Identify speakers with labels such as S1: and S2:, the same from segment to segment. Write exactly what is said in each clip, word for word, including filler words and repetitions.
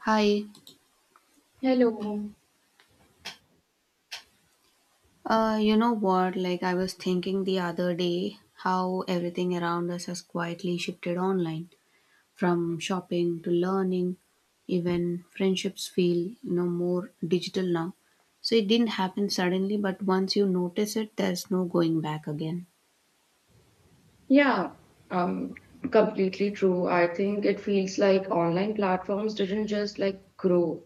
S1: Hi,
S2: Hello.
S1: uh, you know what? Like, I was thinking the other day how everything around us has quietly shifted online from shopping to learning, even friendships feel, you know, more digital now. So it didn't happen suddenly, but once you notice it, there's no going back again.
S2: Yeah, um, completely true. I think it feels like online platforms didn't just like grow.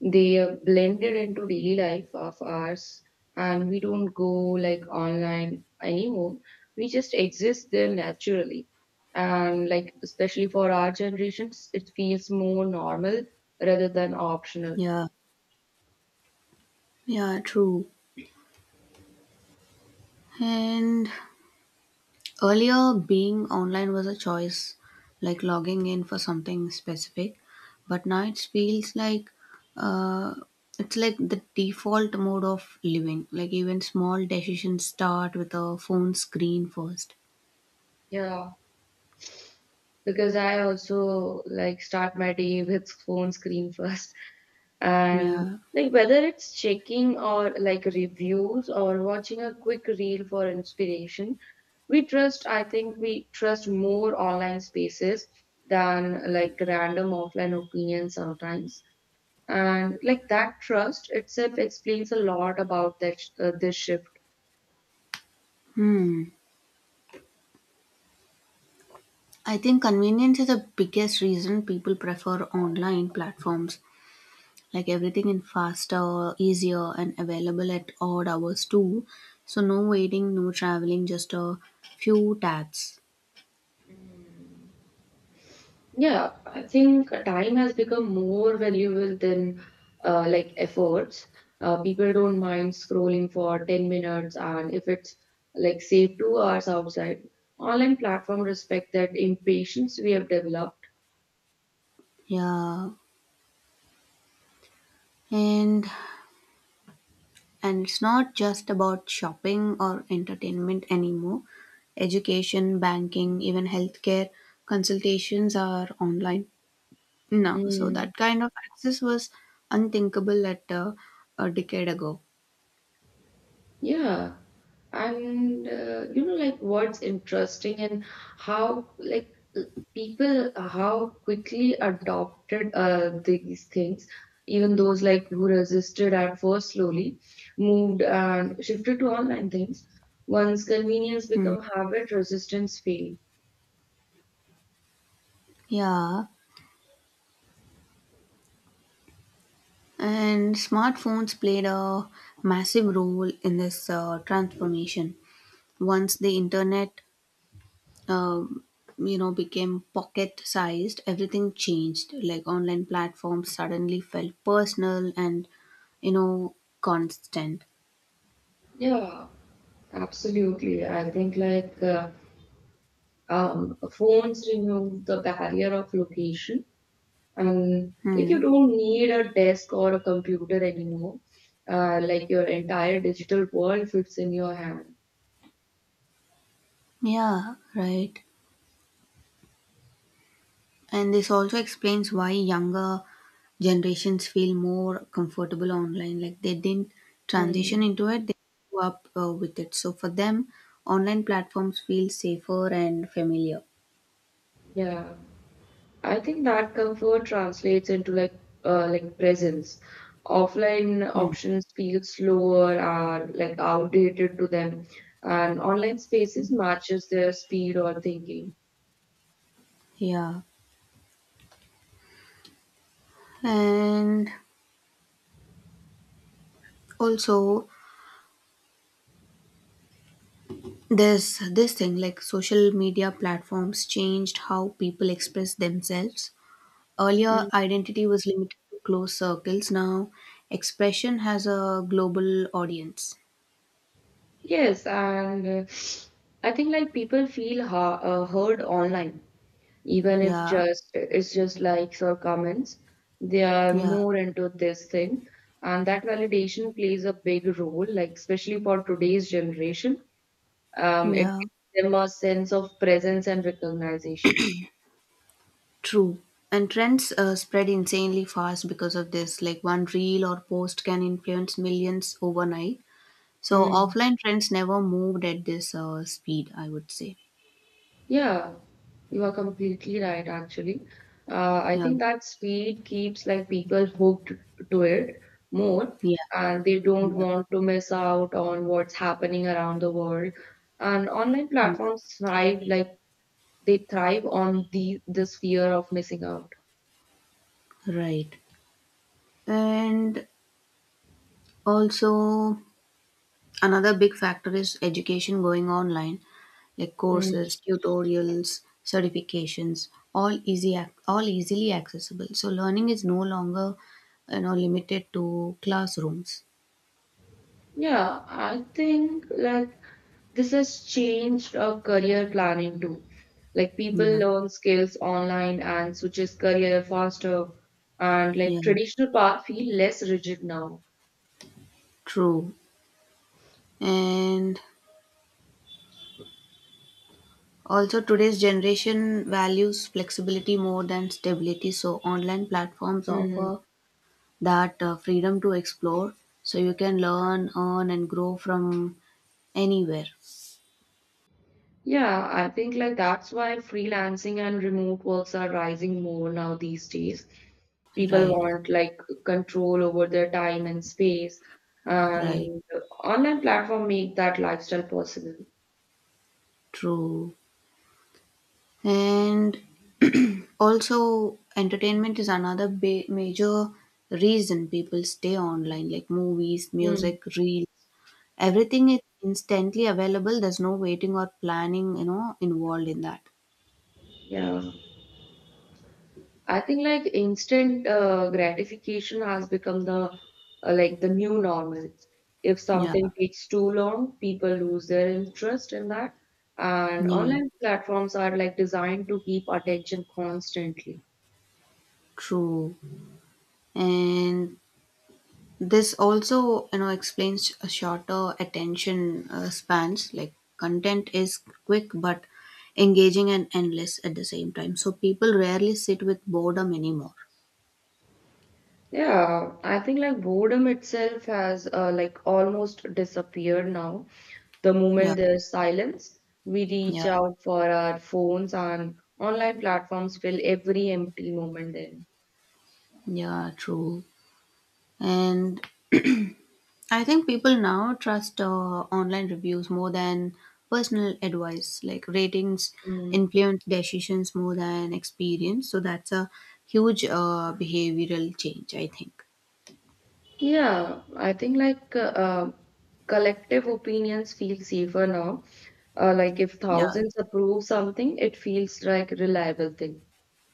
S2: They uh, blended into daily life of ours, and we don't go like online anymore. We just exist there naturally. And like especially for our generations, it feels more normal rather than optional.
S1: Yeah, yeah, true. And earlier, being online was a choice, like logging in for something specific, but now it feels like, uh, it's like the default mode of living. Like even small decisions start with a phone screen first.
S2: Yeah, because I also like start my day with phone screen first. And
S1: Yeah.
S2: like whether it's checking or like reviews or watching a quick reel for inspiration, we trust, I think we trust more online spaces than like random offline opinions sometimes. And like that trust itself explains a lot about that, uh, this shift.
S1: Hmm. I think convenience is the biggest reason people prefer online platforms. Like everything is faster, easier, and available at odd hours too. So no waiting, no traveling, just a few taps.
S2: Yeah, I think time has become more valuable than uh, like efforts. Uh, people don't mind scrolling for ten minutes, and if it's like say two hours outside, online platform respect that impatience we have developed.
S1: Yeah, and and it's not just about shopping or entertainment anymore. Education, banking, even healthcare consultations are online now. So
S2: Hmm.
S1: that kind of access was unthinkable at, uh, a decade ago.
S2: Yeah, and uh, you know, like what's interesting and how like uh, people how quickly adopted uh, these things, even those like who resisted at first slowly moved and shifted to online things. Once convenience
S1: Hmm.
S2: become habit, resistance fail.
S1: Yeah, and smartphones played a massive role in this uh, transformation. Once the internet, um, you know, became pocket sized, everything changed. Like online platforms suddenly felt personal and, you know, constant.
S2: Yeah, absolutely. I think like uh, um, phones remove the barrier of location and like
S1: Hmm.
S2: you don't need a desk or a computer anymore. Uh, like your entire digital world fits in your hand.
S1: Yeah, right. And this also explains why younger generations feel more comfortable online. Like they didn't transition
S2: Mm,
S1: into it, they grew up uh, with it. So for them online platforms feel safer and familiar.
S2: yeah, I think that comfort translates into like uh, like presence. Offline
S1: Hmm.
S2: options feel slower, are like outdated to them, and online spaces matches their speed or thinking.
S1: Yeah. And also, This this thing, like, social media platforms changed how people express themselves. Earlier,
S2: Mm.
S1: identity was limited to close circles. Now, expression has a global audience.
S2: Yes, and uh, I think like people feel ha- uh, heard online, even if
S1: Yeah,
S2: just it's just likes or comments. They are
S1: yeah,
S2: more into this thing, and that validation plays a big role, like especially for today's generation. Um, it
S1: yeah.
S2: gives them a sense of presence and recognition.
S1: True. And trends uh, spread insanely fast because of this. Like one reel or post can influence millions overnight. So
S2: Mm.
S1: offline trends never moved at this uh, speed, I would say.
S2: Yeah, you are completely right, actually. Uh, I
S1: Yeah,
S2: think that speed keeps like people hooked to it more,
S1: yeah,
S2: and they don't
S1: yeah,
S2: want to miss out on what's happening around the world. And online
S1: yeah.
S2: platforms thrive like they thrive on the this fear of missing out.
S1: Right. And also, another big factor is education going online, like courses,
S2: Hmm.
S1: tutorials, certifications, all easy, ac- all easily accessible. So learning is no longer, you know, limited to classrooms.
S2: Yeah, I think like this has changed uh, career planning too. Like people
S1: Yeah,
S2: learn skills online and switches career faster, and
S1: yeah,
S2: like traditional path feel less rigid now.
S1: true. And also, today's generation values flexibility more than stability. So online platforms
S2: Hmm.
S1: offer that uh, freedom to explore. So you can learn, earn, and grow from anywhere.
S2: Yeah, I think like that's why freelancing and remote works are rising more now these days. People
S1: Right,
S2: want like control over their time and space,
S1: right,
S2: and online platform make that lifestyle possible.
S1: true. And also, entertainment is another ba- major reason people stay online, like movies,
S2: Hmm.
S1: music, reels. Everything is instantly available. There's no waiting or planning, you know, involved in that.
S2: Yeah. I think like instant uh, gratification has become the uh, like the new normal. If
S1: Yeah,
S2: something takes too long, people lose their interest in that. And
S1: yeah,
S2: online platforms are like designed to keep attention constantly.
S1: true. And this also, you know, explains a shorter attention uh, spans. Like content is quick but engaging and endless at the same time. So people rarely sit with boredom anymore.
S2: Yeah, I think like boredom itself has uh, like almost disappeared now. The
S1: Yeah,
S2: moment there's silence, we
S1: yeah,
S2: reach out for our phones, and online platforms fill every empty moment
S1: yeah, true. And I think people now trust uh, online reviews more than personal advice. Like ratings
S2: then.
S1: influence decisions more than experience. So that's a huge uh, behavioral change, I think.
S2: Yeah, I think like uh, uh, collective opinions feel safer now. Uh, like if
S1: Yeah,
S2: thousands approve something, it feels like reliable thing.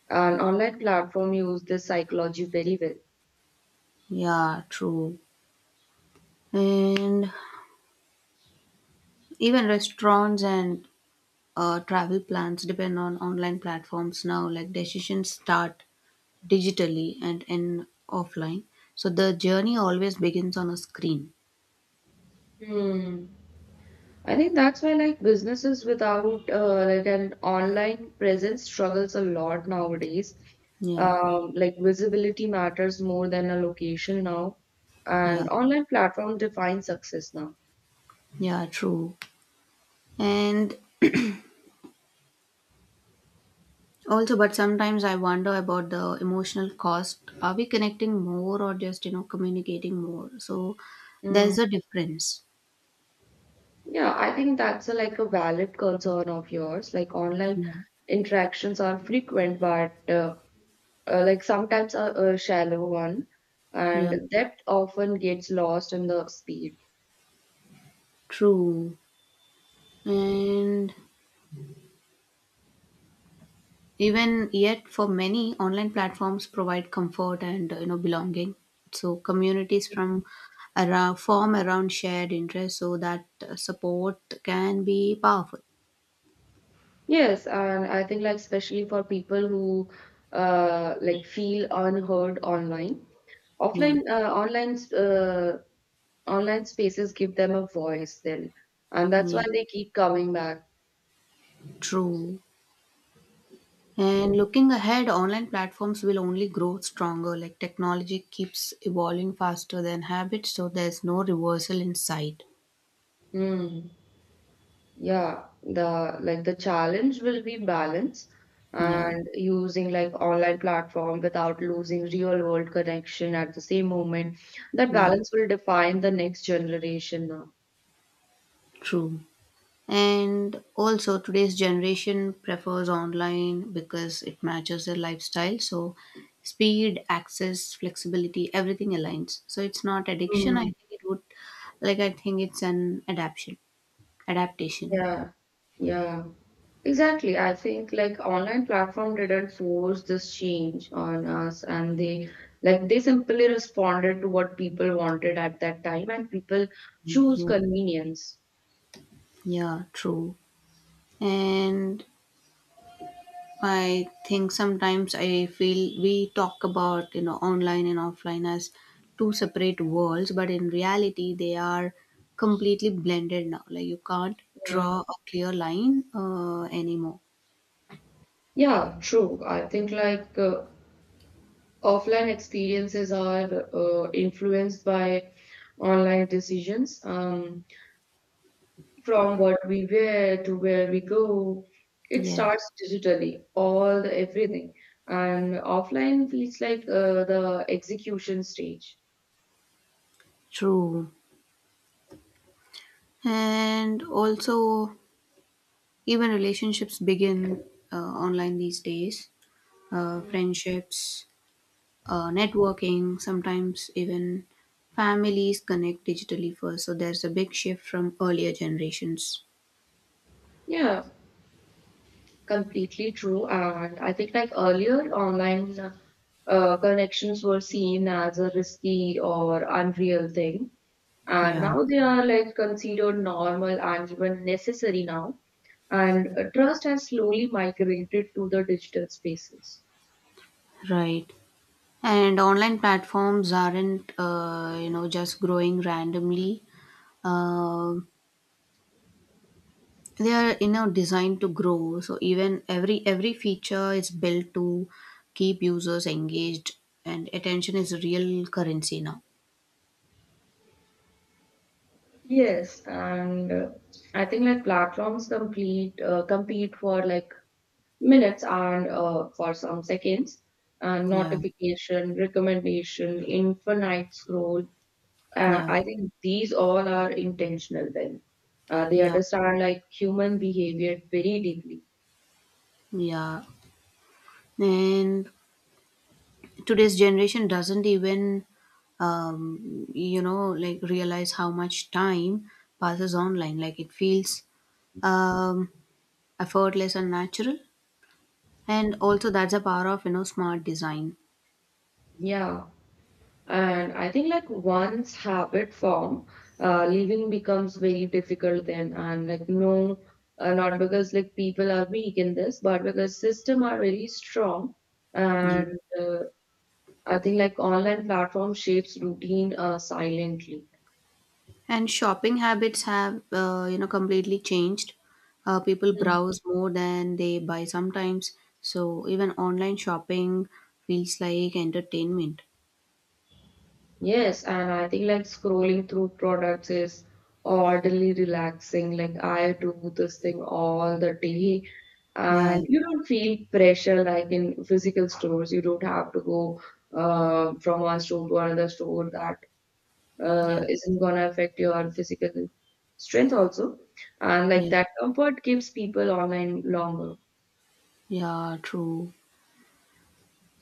S2: And online platform use this psychology very well.
S1: yeah, true. And even restaurants and uh, travel plans depend on online platforms now, like decisions start digitally and end offline. So the journey always begins on a screen.
S2: Hmm. I think that's why like businesses without uh, like an online presence struggles a lot nowadays.
S1: Yeah,
S2: Um, like visibility matters more than a location now,
S1: yeah,
S2: and online platform defines success now.
S1: yeah, true. And also, but sometimes I wonder about the emotional cost. Are we connecting more or just, you know, communicating more? So there's a difference.
S2: Yeah, I think that's a, like a valid concern of yours. Like online
S1: Yeah,
S2: interactions are frequent, but uh, uh, like sometimes a, a shallow one,
S1: yeah,
S2: and depth often gets lost in the speed.
S1: true. And even yet, for many, online platforms provide comfort and, uh, you know, belonging. So communities from around form around shared interests, so that uh, support can be powerful.
S2: Yes, and I think like especially for people who uh, like feel unheard online,
S1: Yeah,
S2: offline uh, online uh, online spaces give them a voice then, and that's
S1: yeah,
S2: why they keep coming back.
S1: true. And looking ahead, online platforms will only grow stronger. Like technology keeps evolving faster than habits, so there's no reversal in sight.
S2: Hmm. Yeah, the like the challenge will be balance
S1: Yeah,
S2: and using like online platform without losing real world connection at the same moment. That
S1: yeah,
S2: balance will define the next generation now.
S1: true. And also, today's generation prefers online because it matches their lifestyle. So, speed, access, flexibility, everything aligns. So, it's not addiction. I
S2: Mm.
S1: think it would, like, I think it's an adaptation. Adaptation.
S2: Yeah, yeah, exactly. I think like online platform didn't force this change on us, and they like they simply responded to what people wanted at that time, and people choose
S1: Yeah,
S2: convenience.
S1: yeah, true. And I think sometimes I feel we talk about, you know, online and offline as two separate worlds, but in reality they are completely blended now. Like you can't
S2: Yeah.
S1: draw a clear line uh, anymore.
S2: Yeah, true. I think like uh, offline experiences are uh, influenced by online decisions. Um, from what we wear to where we go, it starts
S1: Yes,
S2: digitally, all the everything. And offline feels like uh, the execution stage.
S1: true. And also, even relationships begin uh, online these days. Uh, friendships, uh, networking, sometimes even families connect digitally first. So there's a big shift from earlier generations.
S2: Yeah, completely true. And I think like earlier, online uh, connections were seen as a risky or unreal thing. And
S1: Yeah,
S2: now they are like considered normal and even necessary now. And uh, trust has slowly migrated to the digital spaces.
S1: right. And online platforms aren't, uh, you know, just growing randomly. Uh, they are, you know, designed to grow. So even every every feature is built to keep users engaged, and attention is real currency now.
S2: Yes, and uh, I think like platforms complete uh, compete for like minutes and uh, for some seconds, and
S1: Yeah,
S2: notification, recommendation, infinite scroll. Uh,
S1: yeah,
S2: I think these all are intentional then. Uh, they
S1: yeah,
S2: understand like human behavior very deeply.
S1: yeah. And today's generation doesn't even, um, you know, like, realize how much time passes online. Like it feels, um, effortless and natural, and also that's the power of, you know, smart design.
S2: Yeah. And I think like once habit form, uh, leaving becomes very difficult then. And like no, uh, not because like people are weak in this, but because system are really strong.
S1: Yeah.
S2: And uh, I think like online platform shapes routine uh, silently.
S1: And shopping habits have, uh, you know, completely changed. Uh, people browse more than they buy sometimes, so even online shopping feels like entertainment.
S2: Yes, and I think like scrolling through products is oddly relaxing. Like I do this thing all the day,
S1: Yeah,
S2: and you don't feel pressure like in physical stores. You don't have to go uh, from one store to another store. That uh,
S1: yeah,
S2: isn't gonna affect your physical strength also, and like
S1: yeah,
S2: that comfort keeps people online longer.
S1: yeah, true.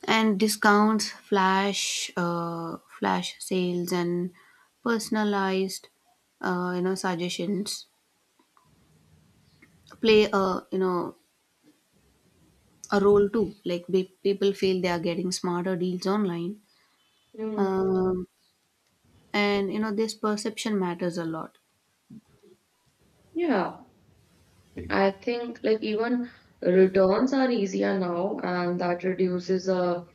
S1: And discounts, flash, uh, flash sales, and personalized, uh, you know, suggestions play a, you know, a role too. Like be- people feel they are getting smarter deals online,
S2: Mm.
S1: um, and, you know, this perception matters a lot.
S2: Yeah, I think like even returns are easier now, and that reduces a. uh,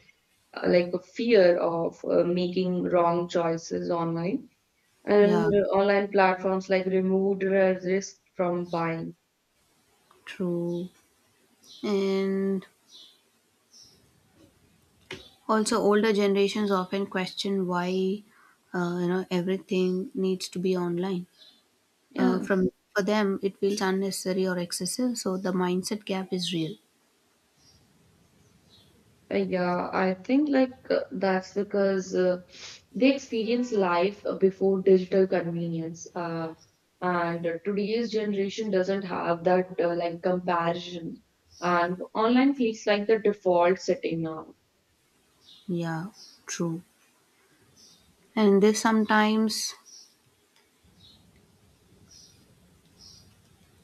S2: like a fear of uh, making wrong choices online, and
S1: Yeah,
S2: online platforms like removed re- risk from buying.
S1: true. And also, older generations often question why, uh, you know, everything needs to be online. Uh,
S2: Yeah.
S1: from for them it feels unnecessary or excessive, so the mindset gap is real.
S2: Uh, yeah I think like uh, that's because uh, they experience life uh, before digital convenience, uh, and uh, today's generation doesn't have that uh, like comparison, and online feels like the default setting now.
S1: Yeah, true. And this sometimes,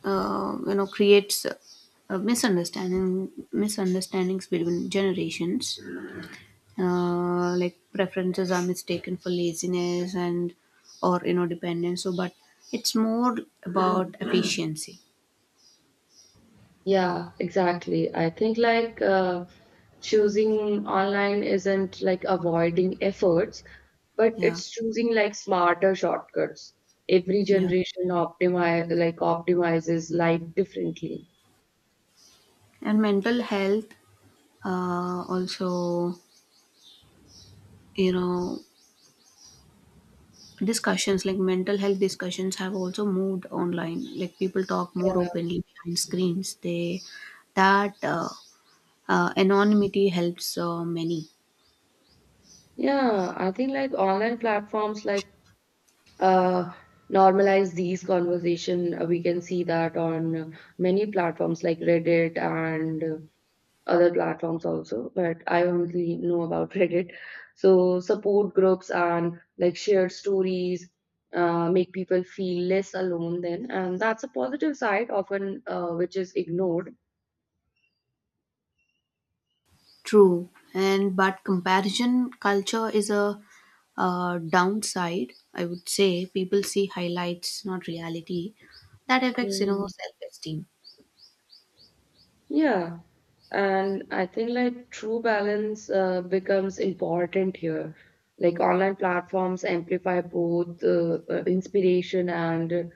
S1: uh, you know, creates uh, misunderstanding misunderstandings between generations, uh, like preferences are mistaken for laziness and, or, you know, dependence. So but it's more about efficiency.
S2: Yeah, exactly. I think like uh, choosing online isn't like avoiding efforts, but
S1: Yeah,
S2: it's choosing like smarter shortcuts. Every
S1: yeah.
S2: generation optimize like optimizes life differently.
S1: And mental health, uh, also, you know, discussions, like mental health discussions, have also moved online. Like people talk more
S2: Yeah.
S1: openly behind screens, they that uh, uh, anonymity helps uh, many.
S2: Yeah, I think like online platforms like uh normalize these conversation. Uh, We can see that on uh, many platforms like Reddit and other platforms also, but I only know about Reddit. So support groups and like shared stories uh, make people feel less alone then, and that's a positive side often uh, which is ignored.
S1: True. And but comparison culture is a uh, downside, I would say. People see highlights, not reality. That affects, you know,
S2: Hmm.
S1: self-esteem.
S2: Yeah, and I think like true balance uh, becomes important here. Like online platforms amplify both uh, uh, inspiration and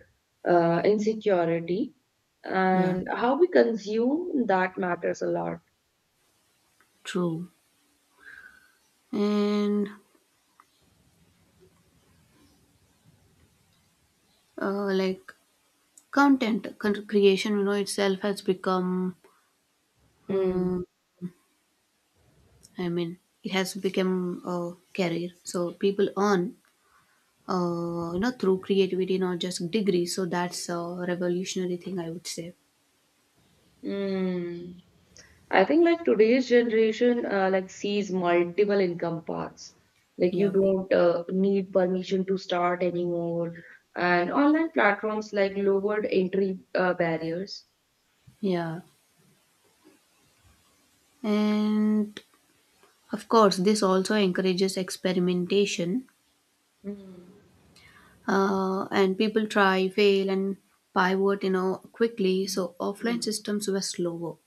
S2: uh, insecurity,
S1: Yeah,
S2: and how we consume that matters a lot.
S1: true. And, uh, like, content con- creation, you know, itself has become,
S2: Mm.
S1: um, I mean, it has become a career. So people earn, uh, you know, through creativity, not just degrees. So that's a revolutionary thing, I would say.
S2: Mm. I think like today's generation uh, like sees multiple income paths. Like you
S1: Yep.
S2: don't uh, need permission to start anymore, and online platforms like lowered entry uh, barriers.
S1: Yeah. And of course, this also encourages experimentation.
S2: Hmm.
S1: Uh, and people try, fail, and pivot, you know, quickly. So offline systems were slower.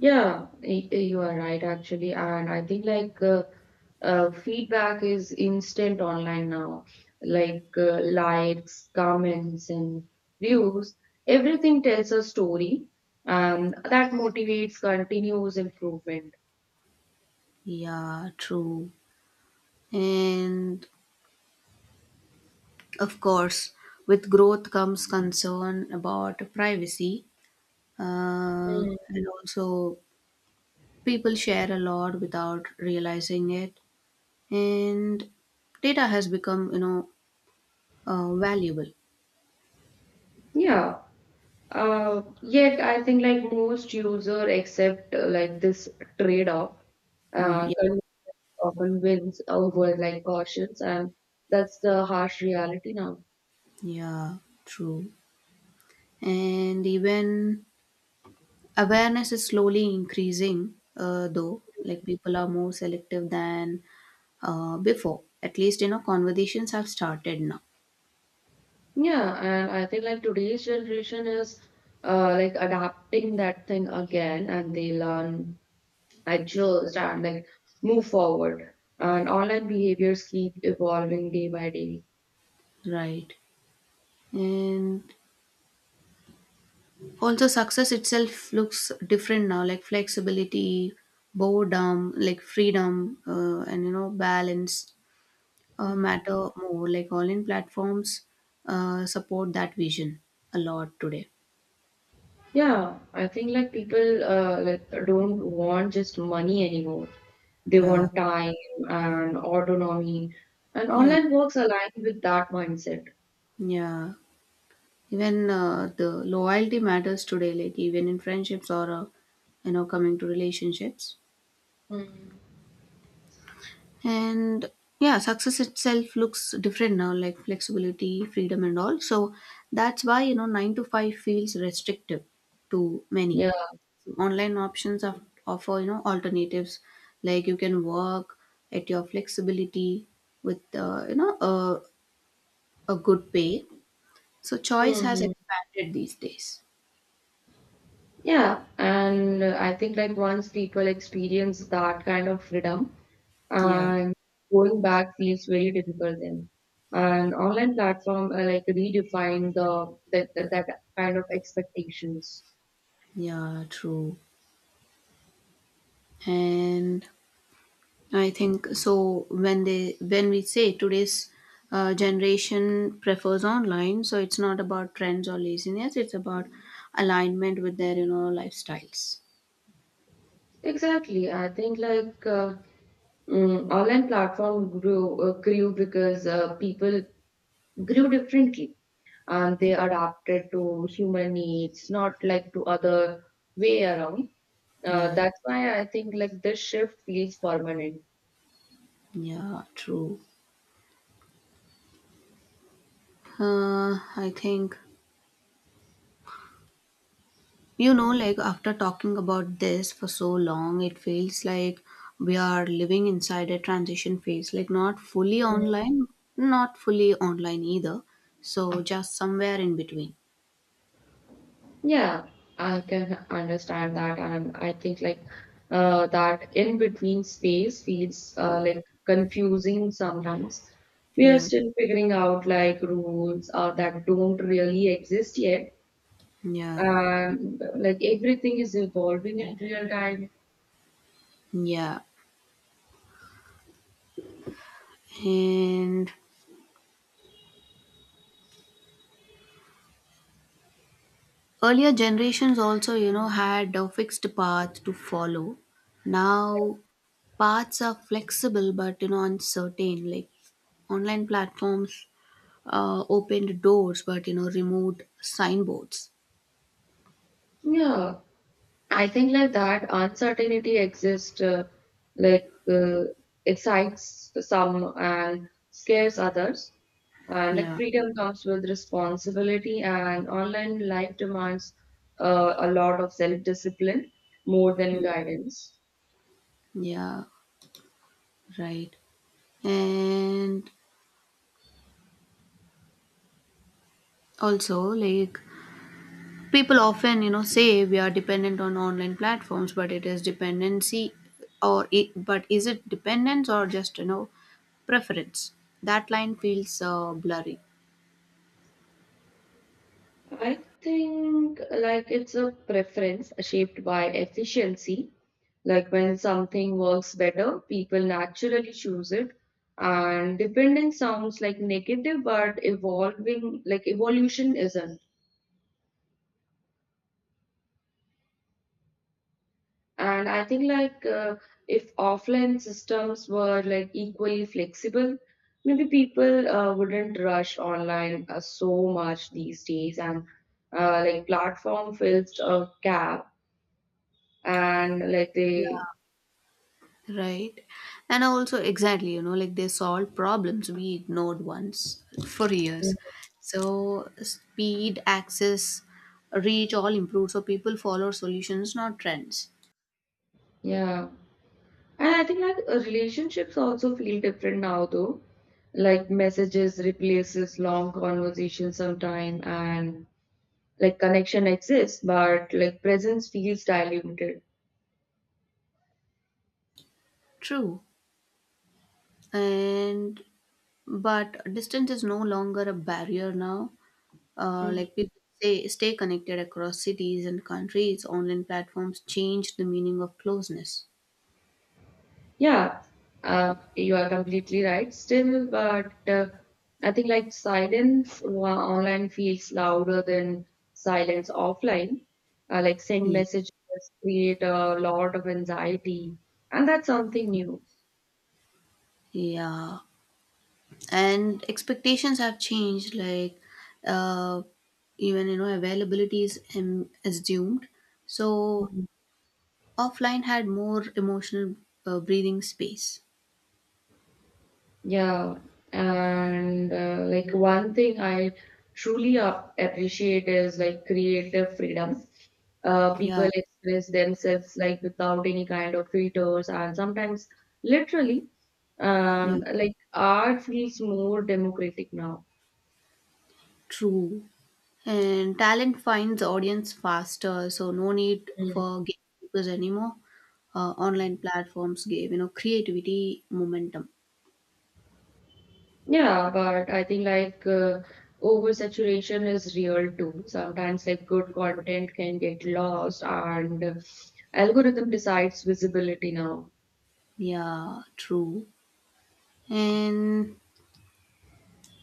S2: Yeah, y- you are right actually, and I think like uh, uh, feedback is instant online now. Like uh, likes, comments, and views, everything tells a story, and that motivates continuous improvement.
S1: Yeah, true. And of course, with growth comes concern about privacy. Uh, and also people share a lot without realizing it, and data has become, you know, uh, valuable.
S2: Yeah. Uh, yet I think like most user accept uh, like this trade-off.
S1: Mm,
S2: Uh,
S1: yeah,
S2: Convenience often wins over like cautions, and that's the harsh reality now.
S1: yeah, true. And even awareness is slowly increasing, uh, though. Like, people are more selective than uh, before. At least, you know, conversations have started now.
S2: Yeah, and I think like today's generation is uh, like adapting that thing again, and they learn, adjust, and like move forward. And online behaviors keep evolving day by day.
S1: Right. And also, success itself looks different now, like flexibility, boredom, like freedom, uh, and, you know, balance uh, matter more. Like all in platforms uh, support that vision a lot today.
S2: Yeah, I think like people uh, like don't want just money anymore. They
S1: Yeah,
S2: want time and autonomy, and
S1: yeah,
S2: online works align with that mindset.
S1: yeah. Even uh, the loyalty matters today, like even in friendships or, uh, you know, coming to relationships.
S2: Mm.
S1: And yeah, success itself looks different now, like flexibility, freedom, and all. So that's why, you know, nine to five feels restrictive to many.
S2: Yeah,
S1: Online options of, offer, you know, alternatives. Like you can work at your flexibility with, uh, you know, a, a good pay. So choice has
S2: hmm,
S1: expanded these days.
S2: yeah, and uh, I think like once people experience that kind of freedom,
S1: Yeah,
S2: and going back feels very difficult then. And online platform uh, like redefine the that that that kind of expectations.
S1: yeah, true. And I think so. When they when we say today's uh, generation prefers online, so it's not about trends or laziness. It's about alignment with their, you know, lifestyles.
S2: Exactly, I think like. Uh, Mm, online platform grew uh, grew because uh, people grew differently, and they adapted to human needs, not like to other way around. Uh,
S1: Yeah,
S2: that's why I think like this shift feels permanent.
S1: yeah, true. Uh, I think, you know, like, after talking about this for so long, it feels like we are living inside a transition phase. Like not fully
S2: Mm.
S1: online, not fully online either. So just somewhere in between.
S2: Yeah, I can understand that, and I think like uh, that in between space feels uh, like confusing sometimes. We are
S1: Yeah,
S2: still figuring out like rules uh, that don't really exist yet,
S1: yeah.
S2: um, like everything is evolving in real time.
S1: Yeah, and earlier generations also, you know, had a fixed path to follow. Now, paths are flexible but, you know, uncertain. Like, online platforms uh, opened doors but, you know, removed signboards.
S2: Yeah, I think like that uncertainty exists, uh, like uh, excites some and scares others. Uh, like
S1: Yeah,
S2: freedom comes with responsibility, and online life demands uh, a lot of self-discipline more than guidance.
S1: yeah, right. And also, like, people often, you know, say we are dependent on online platforms, but it is dependency or it, but is it dependence or just, you know, preference? That line feels uh, blurry.
S2: I think like it's a preference shaped by efficiency. Like when something works better, people naturally choose it. And dependence sounds like negative, but evolving, like evolution isn't. And I think like uh, if offline systems were like equally flexible, maybe people uh, wouldn't rush online uh, so much these days. And uh, like platform fills a gap, and like
S1: Yeah.
S2: they.
S1: Right. And also, exactly, you know, like they solve problems we ignored once for years.
S2: Mm.
S1: So, speed, access, reach, all improve. So, people follow solutions, not trends.
S2: Yeah. And I think like uh, relationships also feel different now though. Like messages replaces long conversation sometime, and like connection exists, but like presence feels diluted.
S1: True. And, but distance is no longer a barrier now. Uh,
S2: Mm.
S1: like people say, stay connected across cities and countries. Online platforms change the meaning of closeness.
S2: Yeah, uh, you are completely right still, but uh, I think like silence wa- online feels louder than silence offline. Uh, like send
S1: Yeah.
S2: messages create a lot of anxiety, and that's something new.
S1: Yeah. And expectations have changed. Like, uh, even, you know, availability is, um, assumed. So, offline had more emotional uh, breathing space.
S2: Yeah, and uh, like one thing I truly ap- appreciate is like creative freedom. Uh,
S1: Yeah.
S2: people express themselves like without any kind of filters, and sometimes literally,
S1: Yeah.
S2: um, like art feels more democratic now.
S1: True. And talent finds audience faster, so no need
S2: Mm.
S1: for gatekeepers anymore. Uh, online platforms gave, you know, creativity momentum.
S2: Yeah, but I think like uh, oversaturation is real too. Sometimes like good content can get lost, and uh, algorithm decides visibility now.
S1: Yeah, true. And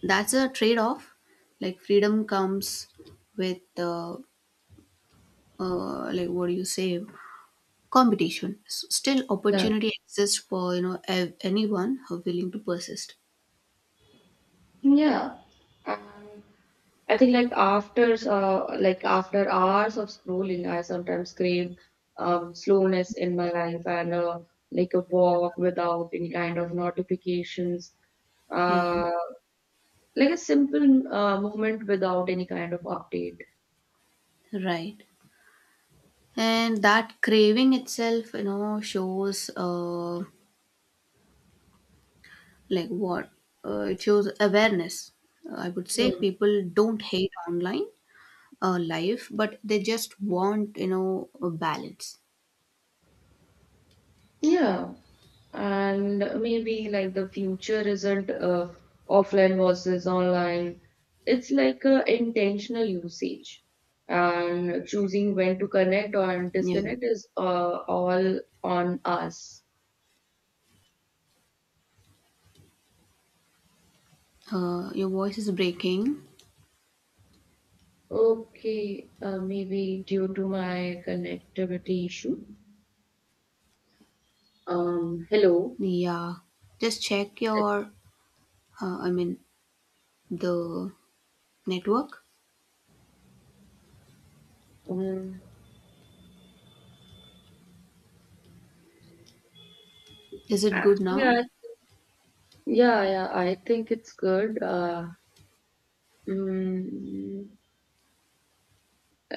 S1: that's a trade-off. Like freedom comes with, uh, uh, like, what do you say, competition. S- Still, opportunity exists for, you know, ev- anyone who willing to persist.
S2: Yeah. Um, I think like after uh, like after hours of scrolling, I sometimes crave um, slowness in my life and uh, like a walk without any kind of notifications,
S1: Yeah,
S2: uh, like a simple uh, movement without any kind of update.
S1: right. And that craving itself, you know, shows, uh, like what uh, it shows awareness. Uh, I would say people don't hate online uh, life, but they just want, you know, a balance.
S2: Yeah, and maybe like the future isn't uh, offline versus online. It's like uh, intentional usage, and choosing when to connect and
S1: Yeah.
S2: disconnect is uh, all on us.
S1: Uh, your voice is breaking.
S2: Okay, uh, maybe due to my connectivity issue. Um, hello.
S1: Yeah, just check your, uh, i mean the network.
S2: Um,
S1: Is it good
S2: actually,
S1: now?
S2: I, yeah, yeah, I think it's good. Uh, mm,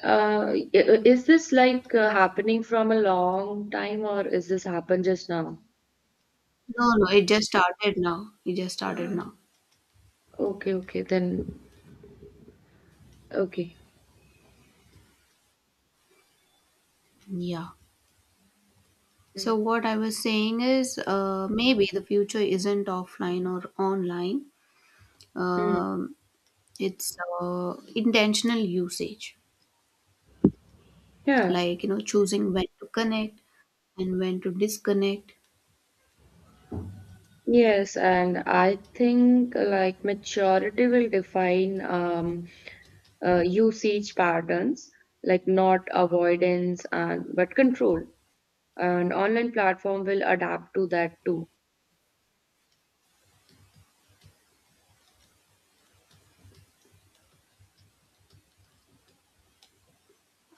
S2: Uh, i- is this like uh, happening from a long time, or is this happen just now?
S1: No, no, it just started now. It just started now.
S2: Okay, okay, then okay.
S1: Yeah. So,
S2: Mm,
S1: what I was saying is, uh, maybe the future isn't offline or online.
S2: mm.
S1: Um, it's, uh, intentional usage,
S2: Yeah.
S1: like, you know, choosing when to connect and when to disconnect.
S2: Yes, and I think uh, like maturity will define um, uh, usage patterns, like not avoidance and but control. And online platform will adapt to that too.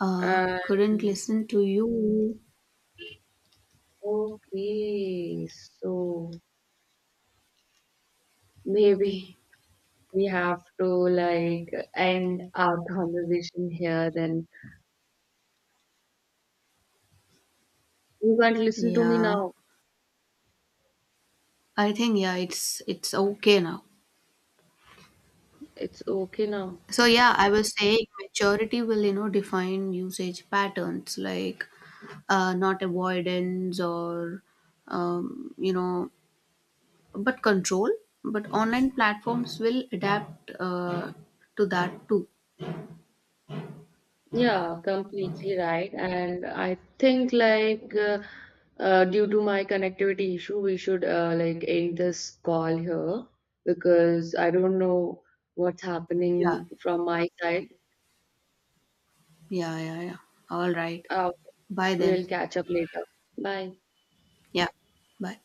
S1: Uh,
S2: And
S1: couldn't listen to you.
S2: okay, so maybe we have to like end our conversation here, then you can't listen to me
S1: Yeah,
S2: now.
S1: I think, yeah, it's it's okay now.
S2: It's okay now.
S1: So, yeah, I was saying maturity will, you know, define usage patterns, like, uh, not avoidance or, um, you know, but control. But online platforms will adapt uh, to that too.
S2: Yeah, completely right, and I think like uh, uh, due to my connectivity issue we should uh, like end this call here because I don't know what's
S1: Yeah,
S2: happening from my side.
S1: yeah, yeah, yeah, all right.
S2: uh,
S1: Bye then.
S2: we'll catch up later. Bye.
S1: Yeah, bye.